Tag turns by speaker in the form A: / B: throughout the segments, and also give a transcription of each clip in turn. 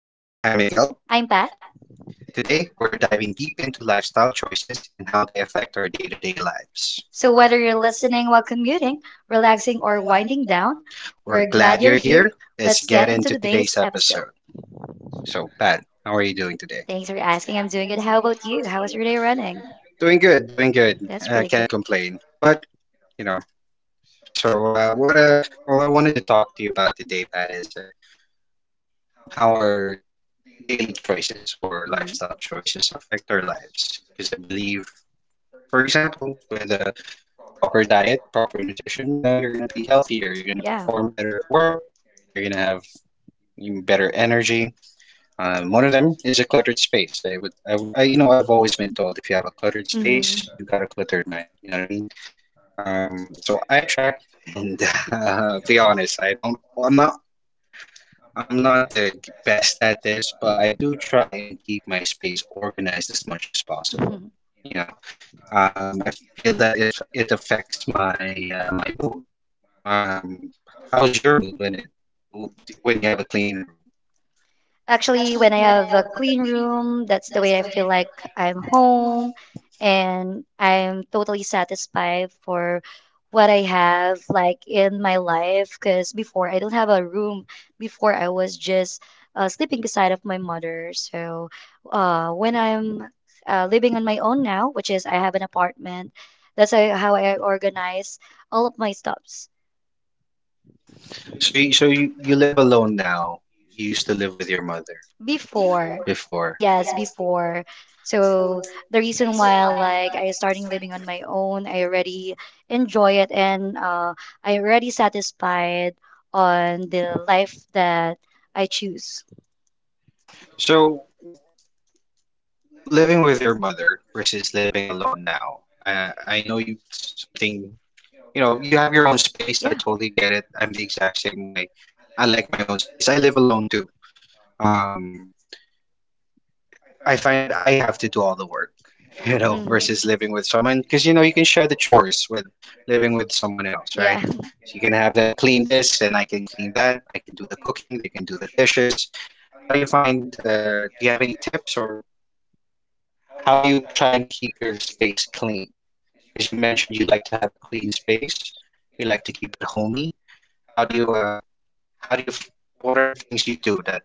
A: Hey, I'm Miguel.
B: I'm Pat.
A: Today, we're diving deep into lifestyle choices and how they affect our day to day lives.
B: So, whether you're listening while commuting, relaxing, or winding down, we're
A: We're
B: glad
A: glad
B: you're
A: you're
B: here.
A: here.
B: Let's
A: Let's
B: get
A: get
B: into
A: into
B: today's
A: today's
B: episode.
A: episode. So, Pat, how are you doing today?
B: Thanks for asking. I'm doing good. How about you? How was your day running?
A: Doing good, doing good.
B: That's
A: I
B: pretty
A: can't
B: good.
A: complain. But, you know, so what well, I wanted to talk to you about today, Pat, is how our daily choices or
B: Hmm.
A: lifestyle choices affect our lives. Because I believe, for example, with proper diet, proper nutrition, you're going to be healthier. You're going to
B: Yeah.
A: perform better at work. You're going to have even better energy. One of them is a cluttered space. I would, I, I've always been told if you have a cluttered space, you got a cluttered mind. You know what I mean? So I try and be honest. I don't. I'm not. I'm not the best at this, but I do try and keep my space organized as much as
B: Hmm.
A: possible. You know, I feel that if it affects my mood. Um, How's your mood when it when you have a clean room?
B: Actually, when I have a clean room, that's the way I feel like I'm home and I'm totally satisfied for what I have like in my life. Because before I don't have a room. Before I was just sleeping beside of my mother. So when I'm living on my own now, which is I have an apartment, that's how I organize all of my stuff.
A: So you live alone now. You used to live with your mother
B: Before,
A: before.
B: yes, before. So the reason why like I starting living on my own, I already enjoy it and I already satisfied on the life that I choose.
A: So living with your mother versus living alone now. I know you something, you have your own space. I
B: Yeah.
A: totally get it. I'm the exact same way. I like my own space. I live alone too. Um, I find that I have to do all the work, you know,
B: Mhm.
A: versus living with someone because you know you can share the chores with living with someone else, right?
B: Yeah,
A: So you can have them clean this, and I can clean that. I can do the cooking, they can do the dishes. How do you find, do you have any tips or how do you try and keep your space clean? Because you mentioned you like to have a clean space, you like to keep it homey. How do you, uh, how do you, f- what are the things you do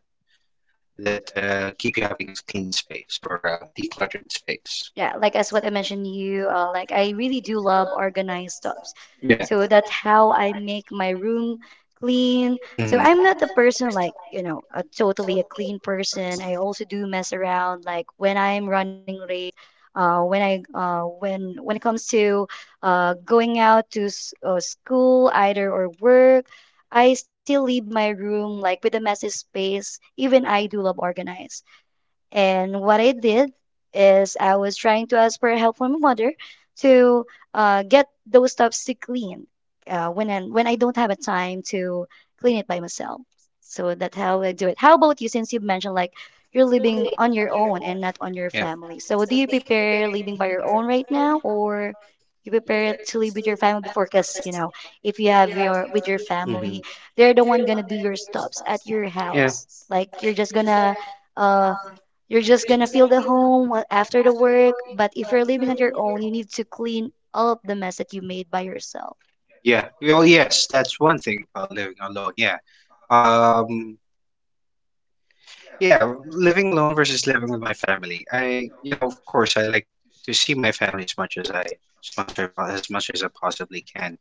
A: that keep you having a clean space or a decluttered space?
B: yeah. Like as what I mentioned, you like I really do love organized stuff.
A: Yeah.
B: So that's how I make my room clean. So
A: Hmm.
B: I'm not a person like, you know, a totally a clean person. I also do mess around like when I'm running late, when I when it comes to going out to school either or work, I still leave my room like with a messy space. Even I do love organized. And what I did is I was trying to ask for help from my mother to get those stuffs to clean when I don't have a time to clean it by myself. So that's how I do it. How about you? Since you mentioned like you're
A: You're
B: living on your own and not on
A: with,
B: your
A: yeah,
B: family, so do you
A: your family.
B: prepare living by your own right now, or you prepare to live with your family before? Because you know, if you have your with your
A: Hmm.
B: family, they're the one gonna do your stops at
A: Stops
B: your
A: at your, yeah.
B: house. Like uh you're just gonna feel the home after the work, but if you're living on your own, you need to clean up the mess that you made by yourself.
A: Yeah. Well, yes, that's one thing about living alone. Yeah. Um, yeah, living alone versus living with my family. I, you know, of course, I like to see my family as much as I, as much as, I po- as much as I possibly can.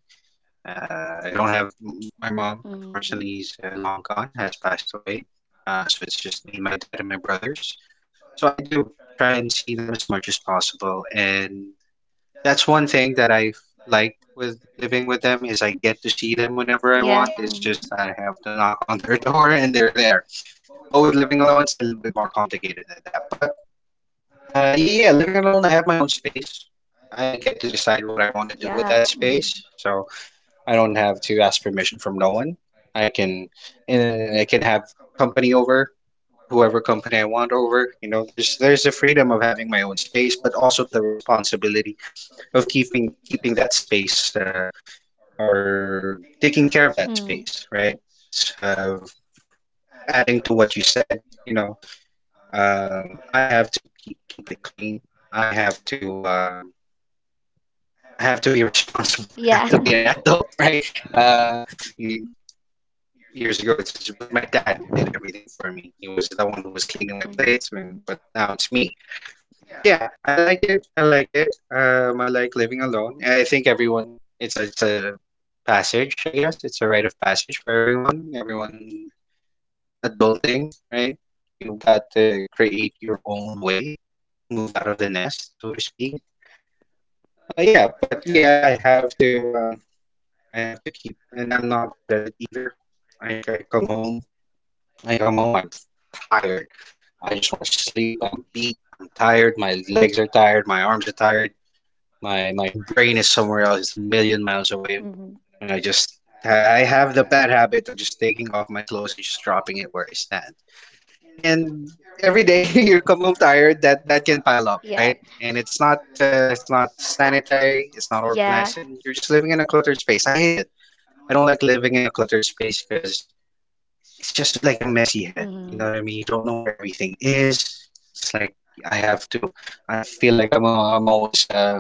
A: I don't have my mom,
B: Mm.
A: unfortunately, is long gone, has passed away. So it's just me and my dad and my brothers. So I do try and see them as much as possible, and that's one thing that I've liked with living with them is I get to see them whenever I
B: Yeah.
A: want. It's
B: Mhm.
A: just I have to knock on their door and they're there. But with living alone, it's a little bit more complicated than that. But yeah, living alone, I have my own space. I get to decide what I want to do with
B: Yeah.
A: that
B: Mhm.
A: space. So. I don't have to ask permission from no one. I can and I can have company over, whoever company I want over. You know, there's the freedom of having my own space, but also the responsibility of keeping that space or taking care of that
B: Mm.
A: space, right? So, adding to what you said, I have to keep it clean. I have to um, I have to be responsible. I have
B: Yeah.
A: to be an adult, right? Uh, you years ago, it was my dad who did everything for me. He was the one who was cleaning my
B: Mhm.
A: plates, and- but now it's me. Yeah, I like it. I like it. I like living alone. And I think everyone, it's a passage, I guess. It's a rite of passage for everyone. Everyone adulting, right? You've got to create your own way, move out of the nest, so to speak. Yeah, but yeah, I have to keep, and I'm not good at it either. I, I come home, I come home, I'm tired. I just want to sleep. I'm beat. I'm tired. My legs are tired. My arms are tired. My brain is somewhere else. It's a million miles away.
B: Mhm.
A: And I have the bad habit of just taking off my clothes and just dropping it where I stand. And every day you come home tired. That can pile up, right? And it's not sanitary. It's not organizing. You're just living in a cluttered space. I hate it. I don't like living in a cluttered space because it's just like a messy head. You know
B: Hmm.
A: what I mean? You don't know where everything is. It's like I have to. I feel like I'm always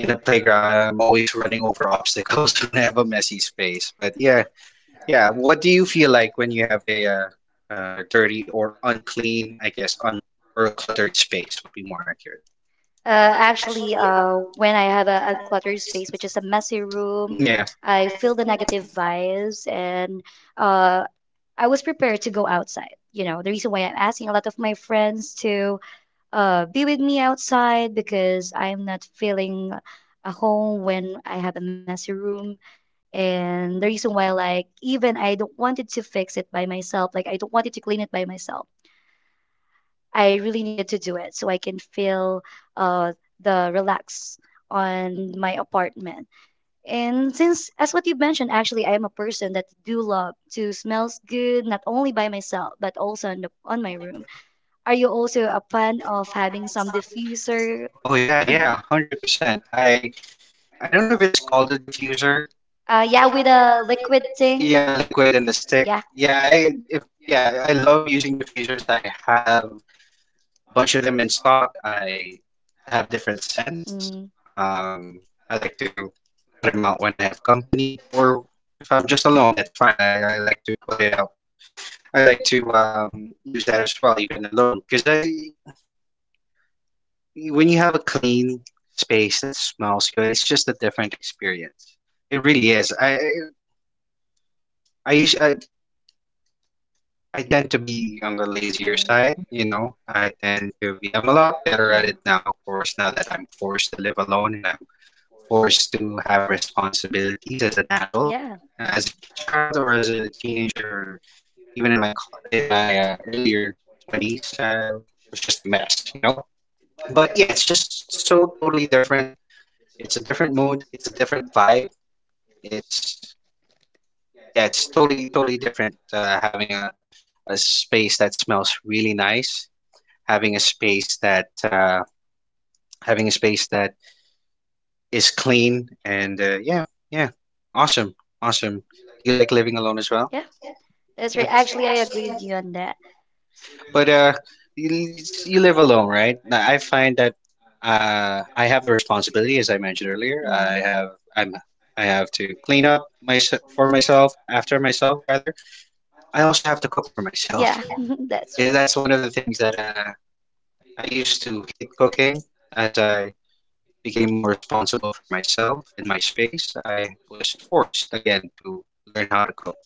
A: in a playground. I'm always running over obstacles when I have a messy space. But yeah, yeah. What do you feel like when you have a dirty or unclean, I guess, un or cluttered space would be more accurate.
B: Actually, when I have a uncluttered space, which is a messy room,
A: Yeah.
B: I feel the negative vibes, and uh, I was prepared to go outside. You know, the reason why I'm asking a lot of my friends to be with me outside because I'm not feeling a home when I have a messy room. And the reason why, like, even I don't wanted to fix it by myself, like, I don't wanted to clean it by myself. I really needed to do it so I can feel uh, the relax on my apartment. And since, as what you mentioned, actually, I am a person that do love to smells good, not only by myself, but also on, the, on my room. Are you also a fan of having some diffuser?
A: Oh yeah, yeah, 100%. I don't know if it's called a diffuser.
B: Yeah, with a liquid thing.
A: Yeah, liquid and the stick.
B: Yeah.
A: Yeah, I if, yeah, I love using diffusers. I have a bunch of them in stock. I have different scents. Um, I like to put them out when I have company or if I'm just alone, that's fine. I like to put it out. I like to use that as well, even alone, because I when you have a clean space that smells good, it's just a different experience. It really is. I, us- I tend to be on the lazier
B: Mm.
A: side, you know. I tend to be, I'm a lot better at
B: Hmm.
A: it now, of course, now that I'm forced to live alone and I'm forced to have responsibilities as an adult.
B: Yeah. Hmm.
A: As a child or as a teenager, or even in my earlier 20s, I was just a mess, you know. But yeah, it's just so totally different. It's a different mood, it's a different vibe. It's Yeah, it's totally different having a space that smells really nice having a space that having a space that is clean and yeah, yeah, awesome, awesome. Do you like living alone as well?
B: Yeah. That's
A: Yeah.
B: right.
A: That's right.
B: Actually, I
A: Actually,
B: agree
A: I
B: with
A: love.
B: you on that.
A: But you, you live alone, right? Now, I find that I have the responsibility, as I mentioned earlier.
B: Mm.
A: I'm I have to clean up my for myself after myself rather. I also have to cook for myself.
B: Yeah, that's
A: Eh,
B: true.
A: that's one of the things that I used to hate cooking as I became more responsible for myself and my space, I was forced again to learn how to cook.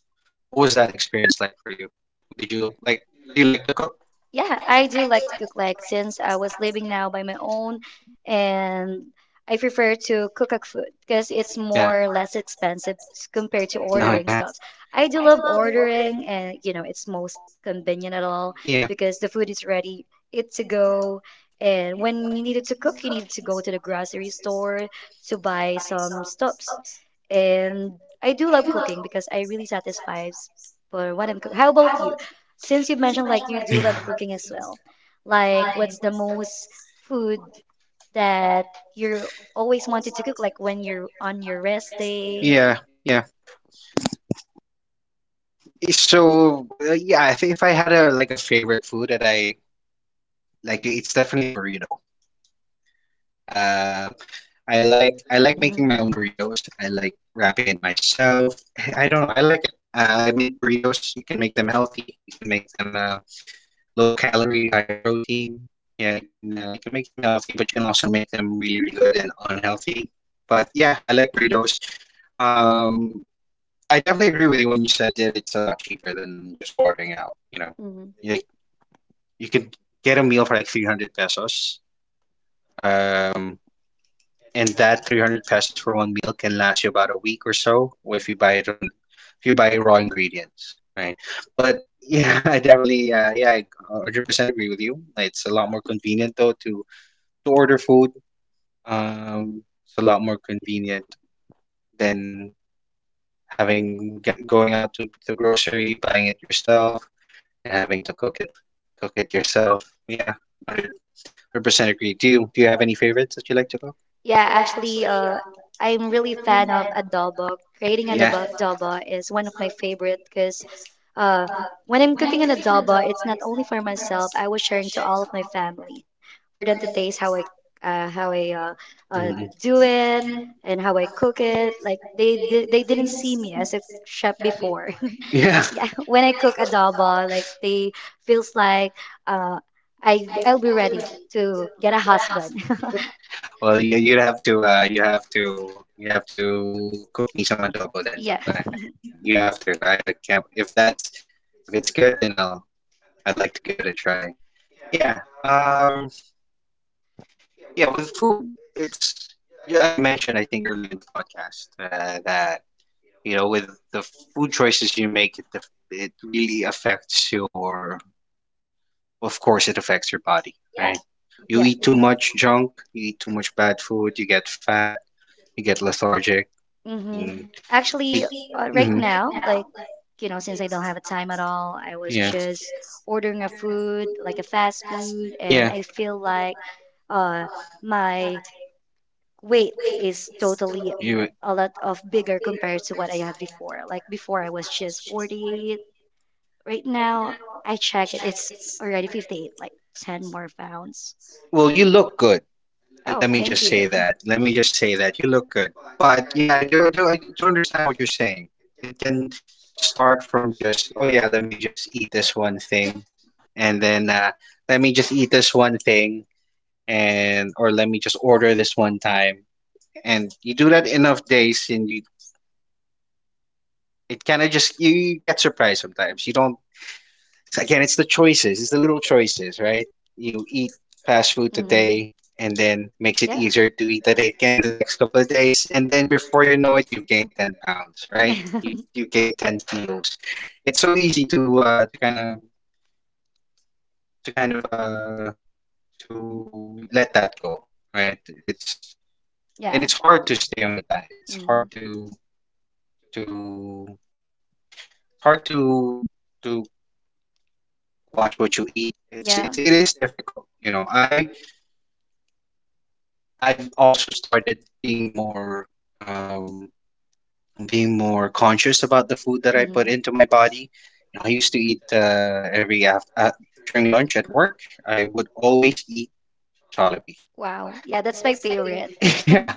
A: What was that experience like for you? Did you like Do you like to cook?
B: Yeah, I do like to cook like since I was living now by my own and I prefer to cook a food because it's
A: Yeah.
B: more less expensive compared to
A: No,
B: ordering
A: yeah.
B: stuff. I do love ordering and you know it's most convenient at all
A: Yeah.
B: because the food is ready, it's to go. And when you needed to cook, you needed to go to the grocery store to buy some stuffs. And I do love cooking because I really satisfies for what I'm cooking. How about you? Since you mentioned like you do love cooking as well, like what's the most food that you always wanted to cook, like when you're on your rest day?
A: Yeah, yeah. So yeah, I think if I had a like a favorite food that I like to eat, it's definitely burrito. Um, I like
B: Hmm.
A: making my own burritos. I like wrapping it myself. Eh, I don't know. I like it. I make burritos. You can make them healthy. You can make them low calorie, high protein. Yeah, you can make them healthy, but you can also make them really really good and unhealthy. But yeah, I like burritos. Um, I definitely agree with you when you said that it's a lot cheaper than just ordering out. You know, like you could get a meal for like 300 pesos. Um, and that 300 pesos for one meal can last you about a week or so if you buy it on if you buy raw ingredients, right? But yeah, I definitely, yeah, I 100% agree with you. It's a lot more convenient, though, to order food. um it's a lot more convenient than going out to the grocery, buying it yourself, and having to cook it yourself. Yeah, 100% agree. Do you have any favorites that you like to cook?
B: Yeah, actually, I'm really fan of adobo. Creating an
A: Yeah.
B: adobo is one of my favorite because uh, when I'm cooking an adobo, it's not only for myself. I was sharing to all of my family for them to taste how I uh, how I uh, uh,
A: Mm.
B: do it and how I cook it. Like they didn't see me as a chef before.
A: Yeah.
B: Yeah, when I cook adobo, like they feels like uh, I'll be ready to get a husband.
A: Well, you have to you have to you have to cook me some adobo then
B: Yeah.
A: sometime. You have to. I can't. If it's good, then I'd like to give it a try. Yeah. Yeah, with food, it's yeah, I mentioned I think earlier in the podcast that with the food choices you make it really affects your, of course it affects your body, right? You
B: Yeah.
A: eat too much junk, you eat too much bad food, you get fat, you get lethargic.
B: Mm-hmm.
A: Mm. You
B: Actually,
A: eat.
B: right
A: Hmm
B: now, like, you know, since I don't have a time at all, I was
A: Yeah.
B: just ordering a food, like a fast food, and
A: Yeah.
B: I feel like uh my weight is totally
A: You
B: a lot of bigger compared to what I had before. Like before I was just 48. Right now, I check it. It's already 58, like 10 more pounds.
A: well, you look good. Uh,
B: Oh,
A: Let me
B: thank
A: just say
B: you.
A: that. Let me just say that you look good. But yeah, I do understand what you're saying. It can start from just, oh yeah, let me just eat this one thing, and then let me just eat this one thing, and or let me just order this one time. And you do that enough days, and it kind of just you get surprised sometimes. You don't. Again, it's the choices. It's the little choices, right? You eat fast food
B: Mhm.
A: today, and then makes
B: Yeah.
A: it easier to eat that again the next couple of days, and then before you know it, you've gained 10 pounds, right? You gained 10 kilos. It's so easy to kind of to kind of to let that go, right? It's
B: Yeah.
A: and it's hard to stay on a diet.
B: Mhm.
A: To it's hard to watch what you eat. It's
B: Yeah.
A: it, it is difficult, you know. I've also started um being more conscious about the food that I
B: Mhm.
A: put into my body. You know, I used to eat during lunch at work. I would always eat Jollibee.
B: Wow. Yeah, that's my favorite.
A: Yeah,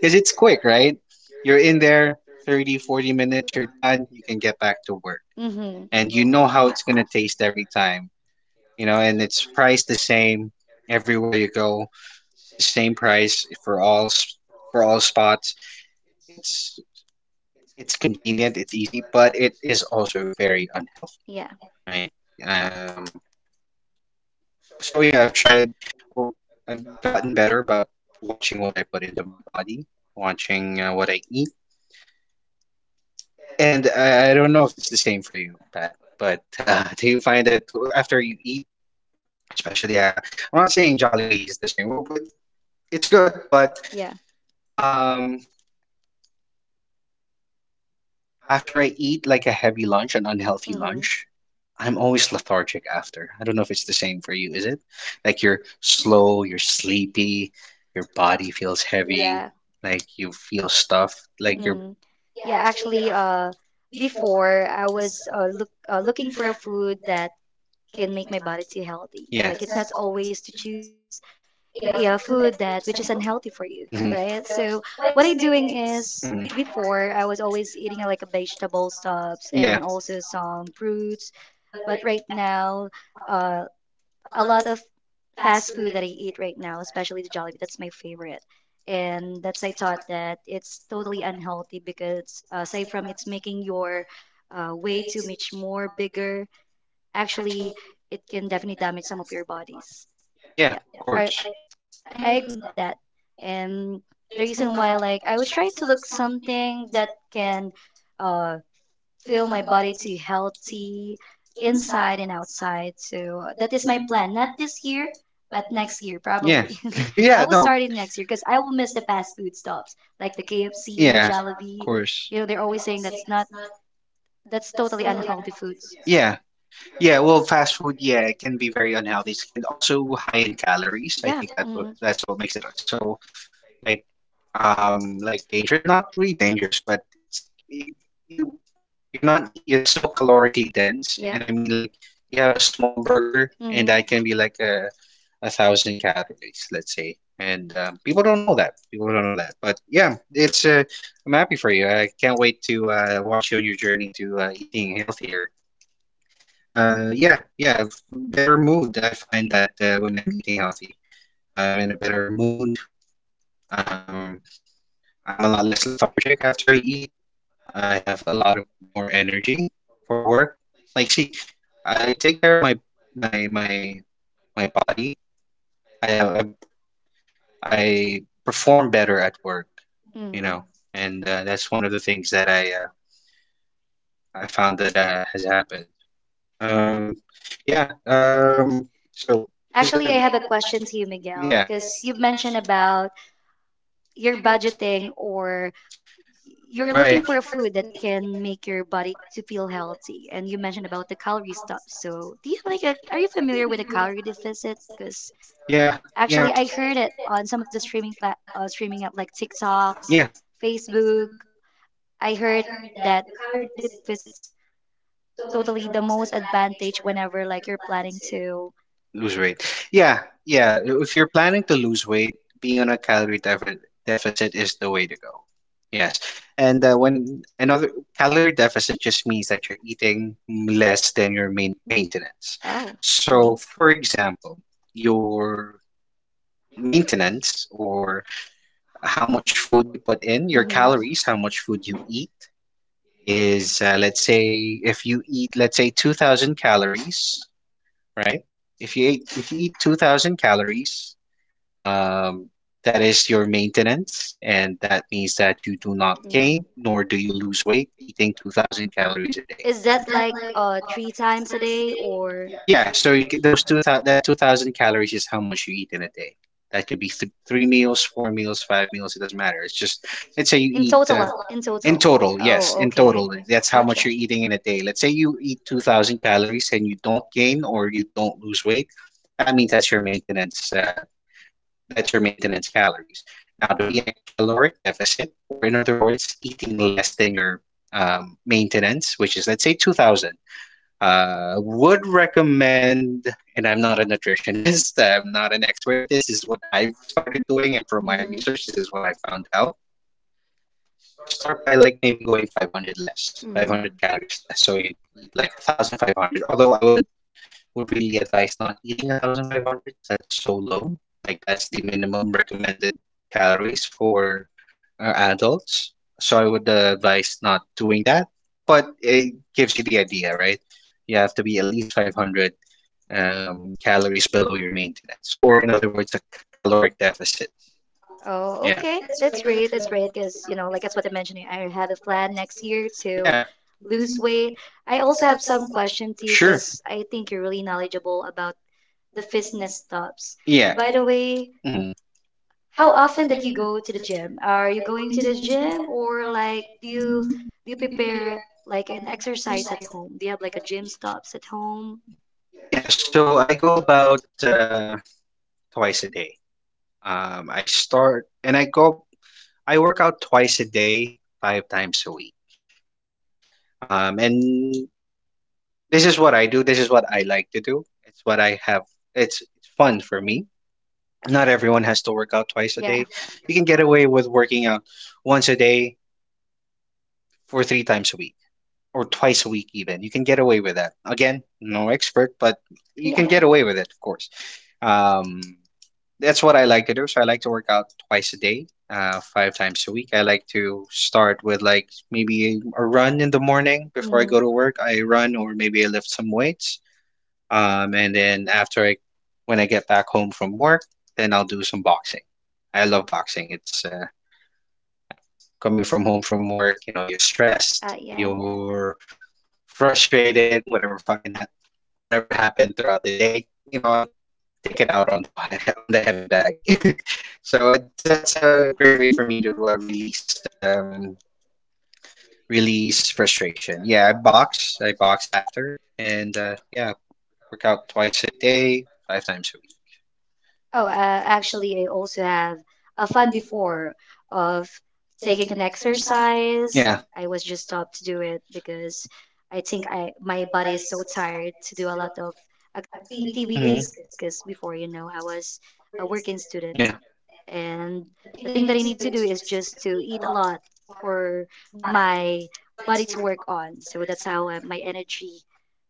A: because it's quick, right? You're in there 30, 40 minutes, you're done, you can get back to work.
B: Mm-hmm.
A: And you know how it's going to taste every time, you know, and it's priced the same everywhere you go. The same price for all s- For all spots. It's it's convenient, it's easy, but it is also very unhealthy,
B: Yeah.
A: right? Um, so yeah, I've tried, Or I've gotten better about watching what I put into my body, watching what I eat, and I don't know if it's the same for you, Pat, but do you find that after you eat, especially, uh, I'm not saying Jollibee is the same, well, but it's good, but.
B: Yeah.
A: Um, After I eat like a heavy lunch, an unhealthy
B: Mm-hmm.
A: lunch, I'm always lethargic after. I don't know if it's the same for you, is it? Like you're slow, you're sleepy, your body feels heavy,
B: Yeah.
A: like you feel stuffed,
B: Mm. Yeah, actually, before I was looking for a food that can make my body too healthy.
A: yeah.
B: Like it's not always to choose yeah, food that which is unhealthy for you,
A: Mhm.
B: right? So what I'm doing is
A: Mhm.
B: before I was always eating like a vegetable stuffs
A: Yeah,
B: and also some fruits, but right now, uh, a lot of fast food that I eat right now, especially the Jollibee, that's my favorite. And that's I thought that it's totally unhealthy because aside from it's making your way too much more bigger actually it can definitely damage some of your bodies.
A: yeah, of
B: Yeah.
A: course.
B: I I agree with that. And the reason why like I was trying to look something that can uh feel my body to healthy inside and outside. So that is my plan. Not this year, but next year
A: Yeah,
B: probably. I
A: yeah,
B: will
A: no.
B: start it next year because I will miss the fast food stops like the
A: Yeah,
B: KFC,
A: of
B: Jollibee.
A: course.
B: You know, they're always saying that's not that's totally unhealthy foods.
A: Yeah. Yeah, well, fast food, yeah, it can be very unhealthy. It can also high in calories. I think
B: Yeah.
A: that what
B: Mm.
A: that's what makes it so like like dangerous. Not really dangerous, but it's you, you you're not it's so calorically dense. Yeah.
B: Yeah.
A: And I mean like you have a small burger and
B: Mm-hmm.
A: that can be like 1,000 calories, let's say. And people don't know that. People don't know that. But yeah, it's I'm happy for you. I can't wait to watch you on your journey to eating healthier. Better mood. I find that when I'm eating healthy, I'm in a better mood. Um, I'm a lot less lethargic after I eat. I have a lot of more energy for work. Like, see, I take care of my my my body. I have I perform better at work,
B: Mm. know,
A: you know, and that's one of the things that I found that has happened. Um, yeah. Um, so,
B: Actually, I have a question to you, Miguel, because you mentioned about your budgeting or you're
A: right.
B: looking for a food that can make your body to feel healthy, and you mentioned about the calorie stuff. So, do you have like a, are you familiar with the calorie deficit? Cause
A: Yeah.
B: actually, I heard it on some of the streaming app like TikToks, Facebook. I heard that the calorie deficit it's totally the most advantage whenever like you're planning to.
A: Lose weight. Yeah, yeah. If you're planning to lose weight, being on a calorie deficit is the way to go. Yes. And when another calorie deficit just means that you're eating less than your maintenance.
B: Oh. Mhm.
A: So, for example, your maintenance or how much food you put in, your
B: Mhm.
A: calories, how much food you eat is, let's say, if you eat, let's say, 2,000 calories, right? If you eat 2,000 calories, um, that is your maintenance, and that means that you do not
B: Mhm.
A: gain nor do you lose weight eating 2,000 calories a day.
B: Is that like three times a day or?
A: Yeah, so you get those 2,000, that 2,000 calories is how much you eat in a day. That could be th three meals, four meals, five meals, it doesn't matter. It's just, let's say you
B: In
A: eat
B: total, in
A: in
B: total.
A: total, Yes,
B: Oh,
A: in
B: okay.
A: total, that's how much
B: Gotcha.
A: you're eating in a day. Let's say you eat 2,000 calories and you don't gain or you don't lose weight. That means that's your maintenance calories. Now, to be in a caloric deficit, or in other words, eating less than your maintenance, which is, let's say, 2,000, would recommend, and I'm not a nutritionist, I'm not an expert at this. This is what I've started doing, and from my
B: Mm-hmm.
A: research, this is what I found out. Start by like maybe going 500 less,
B: Mm.
A: 500 calories less. So you eat like 1,500, although I would really advise not eating 1,500 because that's so low. Like that's the minimum recommended calories for adults. So I would advise not doing that. But it gives you the idea, right? You have to be at least 500 calories below your maintenance, or in other words, a caloric deficit.
B: Oh, okay.
A: Yeah.
B: That's great. That's great because, you know, like that's what I mentioned. I have a plan next year to
A: Yeah.
B: lose weight. I also have some question to you
A: Sure.
B: because I think you're really knowledgeable about the fitness stuffs.
A: Yeah.
B: By the way, how often that you go to the gym? Are you going to the gym or like do you prepare like an exercise at home? Do you have like a gym stops at home?
A: Yeah, so I go about twice a day. I start and I go, I work out twice a day, five times a week. And This is what I do. This is what I like to do. It's what I have. It's fun for me. Not everyone has to work out
B: Yeah.
A: twice a day. You can get away with working out once a day for three times a week or twice a week even. You can get away with that. Again, no expert, but
B: Yeah.
A: you can get away with it, of course. Um, that's what I like to do. So I like to work out twice a day, five times a week. I like to start with like maybe a run in the morning before I
B: Mm-hmm.
A: go to work. I run or maybe I lift some weights. And then after I, When I get back home from work, then I'll do some boxing. I love boxing. It's Coming from home from work. You know, you're stressed,
B: Yeah.
A: you're frustrated, whatever happened throughout the day. You know, I take it out on the on the heavy bag. So it's that's a great way for me to release release frustration. Yeah, I box. I box after, and yeah, work out twice a day, five times a week.
B: Oh, actually, I also have a fun before of
A: Take
B: taking
A: an
B: an
A: exercise.
B: exercise.
A: Yeah.
B: I was just stopped to do it because I think I my body is so tired to do a lot of
A: hmm
B: activities. Because before, you know, I was a working student.
A: Yeah.
B: And the thing that I need to do is just to eat a lot for my body to work on. So that's how my energy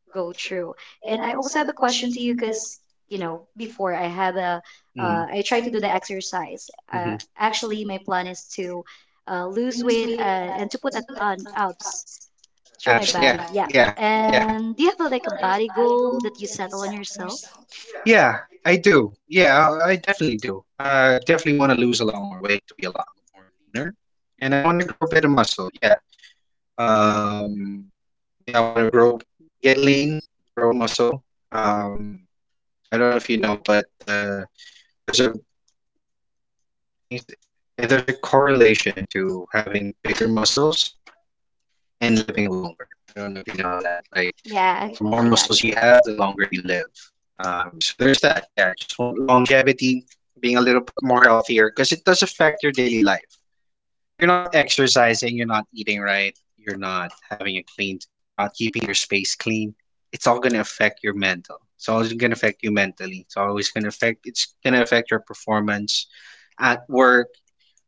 B: go through. And I also have a question to you because, you know, before I have a,
A: hmm
B: I try to do the exercise.
A: hmm
B: Actually, my plan is to lose weight and to put it on abs through my
A: Abs. Yeah.
B: body. Yeah.
A: Yeah. Yeah.
B: And do you have
A: Do
B: a,
A: you have
B: like a
A: like
B: body
A: a
B: goal
A: Bible?
B: that you settle on yourself?
A: Yeah, I do. Yeah, I definitely do. I definitely want to lose a lot more weight to be a lot more leaner, and I want to grow a bit of muscle. Yeah. Um, yeah, I want to grow, get lean, grow muscle. Um, I don't know if you know, but there's a it's, there's a correlation to having bigger muscles and living longer. I don't know if you know that. Like
B: Yeah,
A: the more
B: I
A: muscles
B: got you.
A: you have, the longer you live. So there's that. Yeah, I just want longevity, being a little bit more healthier because it does affect your daily life. You're not exercising, you're not eating right, you're not having a clean, you're not keeping your space clean. It's all going to affect your mental. It's always going to affect you mentally. It's going to affect your performance at work,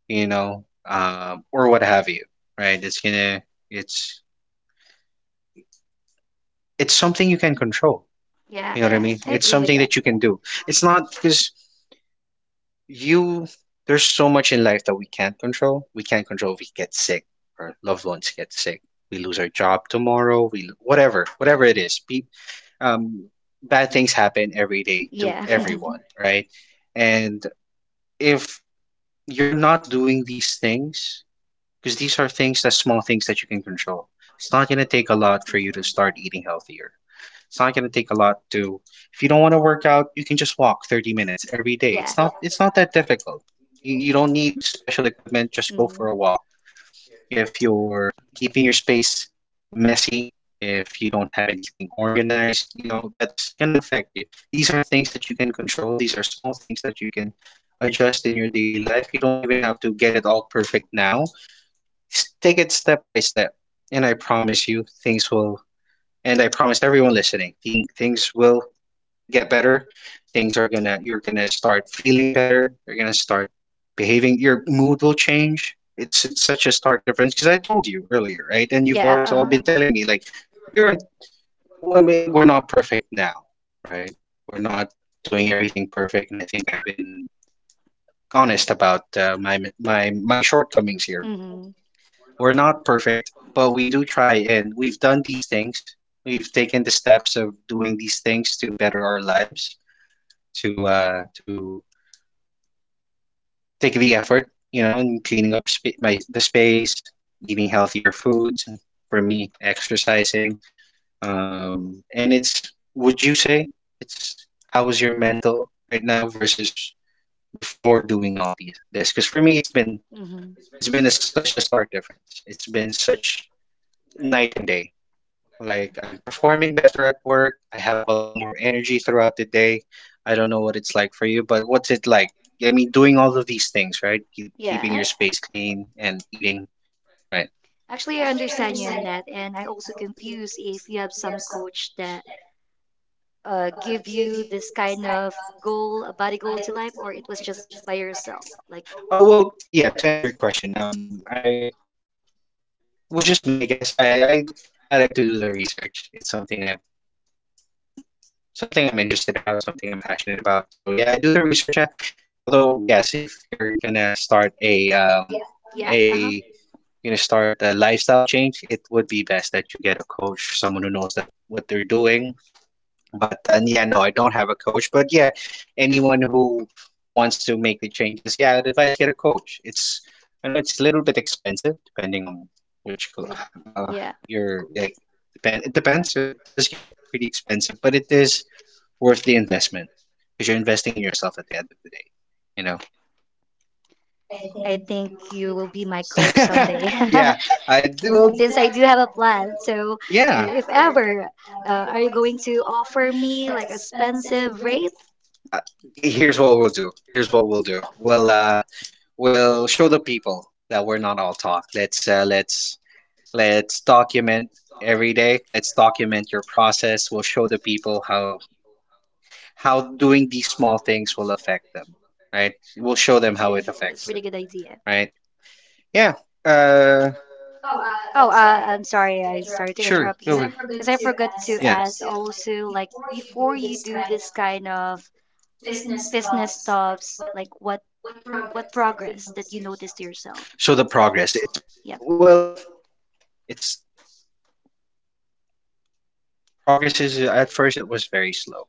A: you know, or what have you, right? It's going to, it's, it's something you can control.
B: Yeah,
A: You know what I mean?
B: I
A: It's
B: agree with
A: something
B: that.
A: that you can do. It's not because you, There's so much in life that we can't control. We can't control if we get sick, our loved ones get sick, we lose our job tomorrow, we whatever, whatever it is. Pe um, Bad things happen every day to
B: Yeah.
A: everyone, right? And if you're not doing these things, because these are things that small things that you can control. It's not going to take a lot for you
B: Mhm.
A: to start eating healthier. It's not gonna take a lot to. If you don't want to work out, you can just walk 30 minutes every day.
B: Yeah.
A: It's not that difficult. You don't need special equipment, just go
B: Hmm.
A: for a walk. If you're keeping your space messy, if you don't have anything organized, you know, that's gonna affect you. These are things that you can control. These are small things that you can adjust in your daily life. You don't even have to get it all perfect now. Take it step by step, and I promise everyone listening, things will get better, things are gonna you're gonna start feeling better. You're gonna start behaving. Your mood will change. It's such a stark difference because I told you earlier, right? And you've, yeah,
B: Yeah.
A: all
B: Uh-huh.
A: been telling me like we weren't, well, I mean, we're not perfect now, right? We're not doing everything perfect, and I think I've been honest about my shortcomings here.
B: Hmm.
A: We're not perfect, but we do try, and we've done these things. We've taken the steps of doing these things to better our lives to take the effort, you know, in cleaning up sp my the space, eating healthier foods, and for me, exercising. Would you say it's how is your mental right now versus before doing all these this? Because for me,
B: Hmm.
A: it's been such a stark difference. It's been such night and day. Like I'm performing better at work. I have a lot more energy throughout the day. I don't know what it's like for you, but what's it like? I mean, doing all of these things, right? Keeping
B: Yeah.
A: your space clean and eating, right?
B: Actually, I understand you in that, and I also confuse if you have some coach that give you this kind of goal, a body goal to life, or it was just by yourself. Like,
A: Oh, well, yeah, to answer your question, I was just me, I guess. I I like to do the research. It's something I've, something I'm interested about, something I'm passionate about. So yeah, I do the research. Although, yes, if you're gonna start
B: yeah, uh-huh,
A: a, you're gonna start a lifestyle change, it would be best that you get a coach, someone who knows that what they're doing. But yeah, no, I don't have a coach. But yeah, anyone who wants to make the changes, yeah, I'd advise get a coach. It's, I know it's a little bit expensive depending on which co-
B: yeah.
A: uh your like, depend it depends, but it does get pretty expensive, but it is worth the investment because you're investing in yourself at the end of the day, you know.
B: I think you will be my coach someday.
A: Yeah,
B: since,
A: I do. Well,
B: since I do have a plan. So,
A: yeah.
B: if ever, are you going to offer me like expensive rate?
A: Uh, Here's what we'll do. Here's what we'll do. We'll, we'll show the people that we're not all talk. Let's, let's document every day. Let's document your process. We'll show the people how doing these small things will affect them, right? We'll show them
B: Oh,
A: how it
B: that's really
A: affects
B: good
A: them,
B: idea.
A: right? Yeah. Uh
B: Oh, I'm sorry. I sorry to
A: Sure,
B: interrupt
A: go
B: you
A: ahead.
B: because I forgot to
A: Yeah.
B: ask also like before you do this kind of business stops, like what progress that you notice to yourself?
A: So the progress, it's
B: Yep.
A: well, it's progress is at first it was very slow.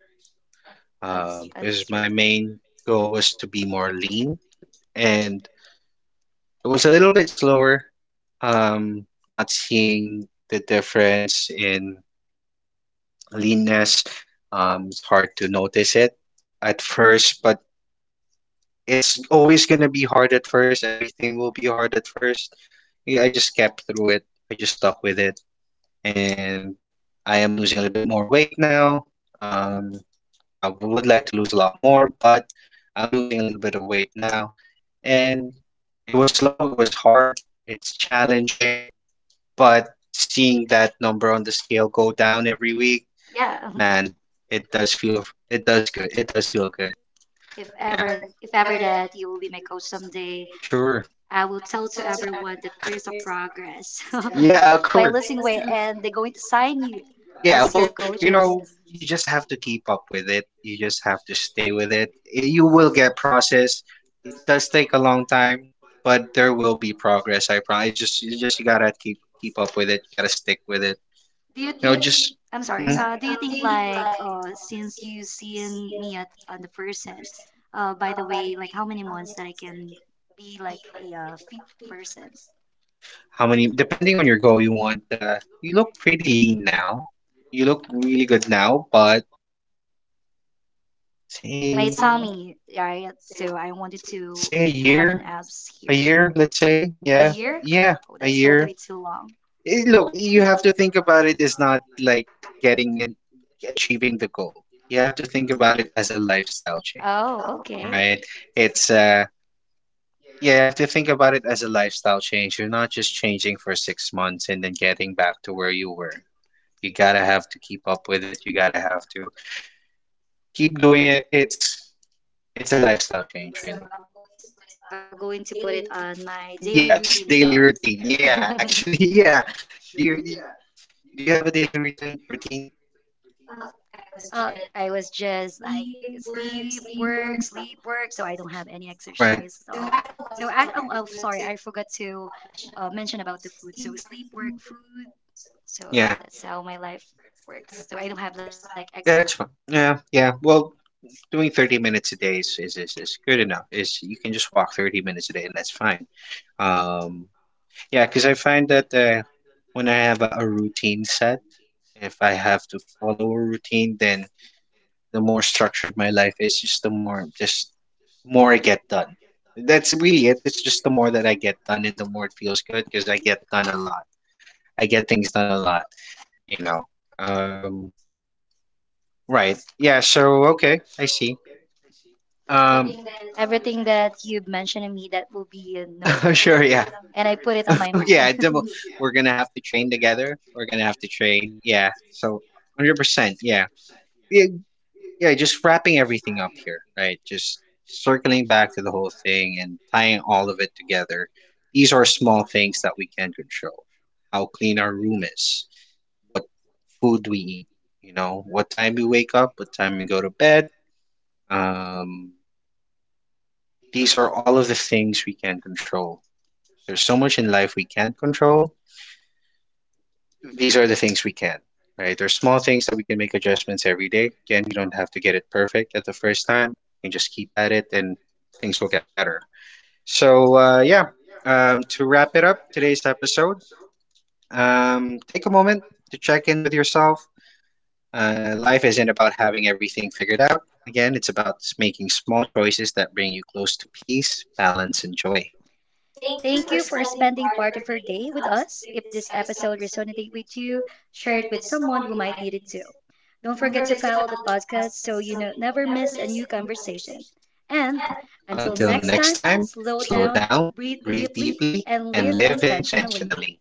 B: Oh,
A: Because
B: understood.
A: my main goal was to be more lean and it was a little bit slower. Not seeing the difference in leanness. It's hard to notice it at first, but it's always gonna be hard at first. Everything will be hard at first. Yeah, I just kept through it. I just stuck with it, and I am losing a little bit more weight now. Um, I would like to lose a lot more, but I'm losing a little bit of weight now. And it was slow, it was hard, it's challenging, but seeing that number on the scale go down every week,
B: Yeah.
A: man, it does feel it does good. It does feel good.
B: If ever,
A: Yeah,
B: if ever that you will be my coach someday,
A: sure.
B: I will tell to everyone that there's a progress
A: Yeah, of
B: by
A: course.
B: losing weight, and they're going to sign you
A: Yeah,
B: as your
A: well, you
B: coaches.
A: know, you just have to keep up with it. You just have to stay with it. You will get process. It does take a long time, but there will be progress, I promise. It's just you gotta keep up with it. You gotta stick with it.
B: Do you
A: You know,
B: think?
A: just
B: I'm
A: mhm.
B: sorry. Do you think like since you seen me at on the person, by the way, like how many months that I can be like a fit person?
A: How many, depending on your goal, you want, you look pretty lean now. You look really good now, but
B: My
A: say,
B: tummy, right? So I wanted to
A: say
B: have an abs here.
A: a year, let's say.
B: A
A: Yeah.
B: year?
A: Yeah,
B: Oh, that's
A: a
B: totally
A: year.
B: too long.
A: It, look, you have to think about it as not like getting it, achieving the goal. You have to think about it as a lifestyle change,
B: Oh, okay.
A: right? It's, uh, yeah, you have to think about it as a lifestyle change. You're not just changing for 6 months and then getting back to where you were. You gotta have to keep up with it. You gotta have to keep doing it. It's a lifestyle change,
B: So
A: really.
B: I'm going to put it on my daily routine thoughts.
A: Yes, daily routine. Yeah, actually, yeah. Do you have a daily routine?
B: I was just like sleep, work, sleep, work. So I don't have any exercise at all.
A: Right.
B: So I, oh, sorry, I forgot to mention about the food. So sleep, work, food. So that's how my
A: Yeah.
B: life works. So I don't have like exercise.
A: Yeah, it's fine. Yeah, yeah. Well, doing 30 minutes a day is good enough. Is you can just walk 30 minutes a day and that's fine. Um, Yeah, because I find that when I have a routine set, if I have to follow a routine, then the more structured my life is, just the more just more I get done. That's really it. It's just the more that I get done, and the more it feels good because I get done a lot. I get things done a lot, you know. Um, right. Yeah. So okay, I see.
B: Everything
A: Um,
B: that you've mentioned to me, that will be noted. And I
A: sure.
B: put it on
A: Yeah.
B: my mind.
A: yeah, double. We're gonna have to train together. We're gonna have to train. Yeah. So, 100%. Yeah. Yeah. Yeah. Just wrapping everything up here, right? Just circling back to the whole thing and tying all of it together. These are small things that we can control. How clean our room is. What food we eat. You know, what time we wake up. What time we go to bed. Um, these are all of the things we can control. There's so much in life we can't control, these are the things we can, right? There's small things that we can make adjustments every day. Again, you don't have to get it perfect at the first time. You can just keep at it and things will get better. So, yeah, to wrap it up today's episode, take a moment to check in with yourself. Life isn't about having everything figured out. Again, it's about making small choices that bring you close to peace, balance, and joy.
B: Thank you for spending part of your day with us. If this episode resonated with you, share it with someone who might need it too. Don't forget to follow the podcast so you know, never miss a new conversation. And until
A: Until
B: next
A: next
B: time,
A: time,
B: slow
A: slow
B: down,
A: down,
B: breathe
A: breathe
B: deeply,
A: deeply,
B: and
A: and
B: live
A: live
B: intentionally.
A: intentionally.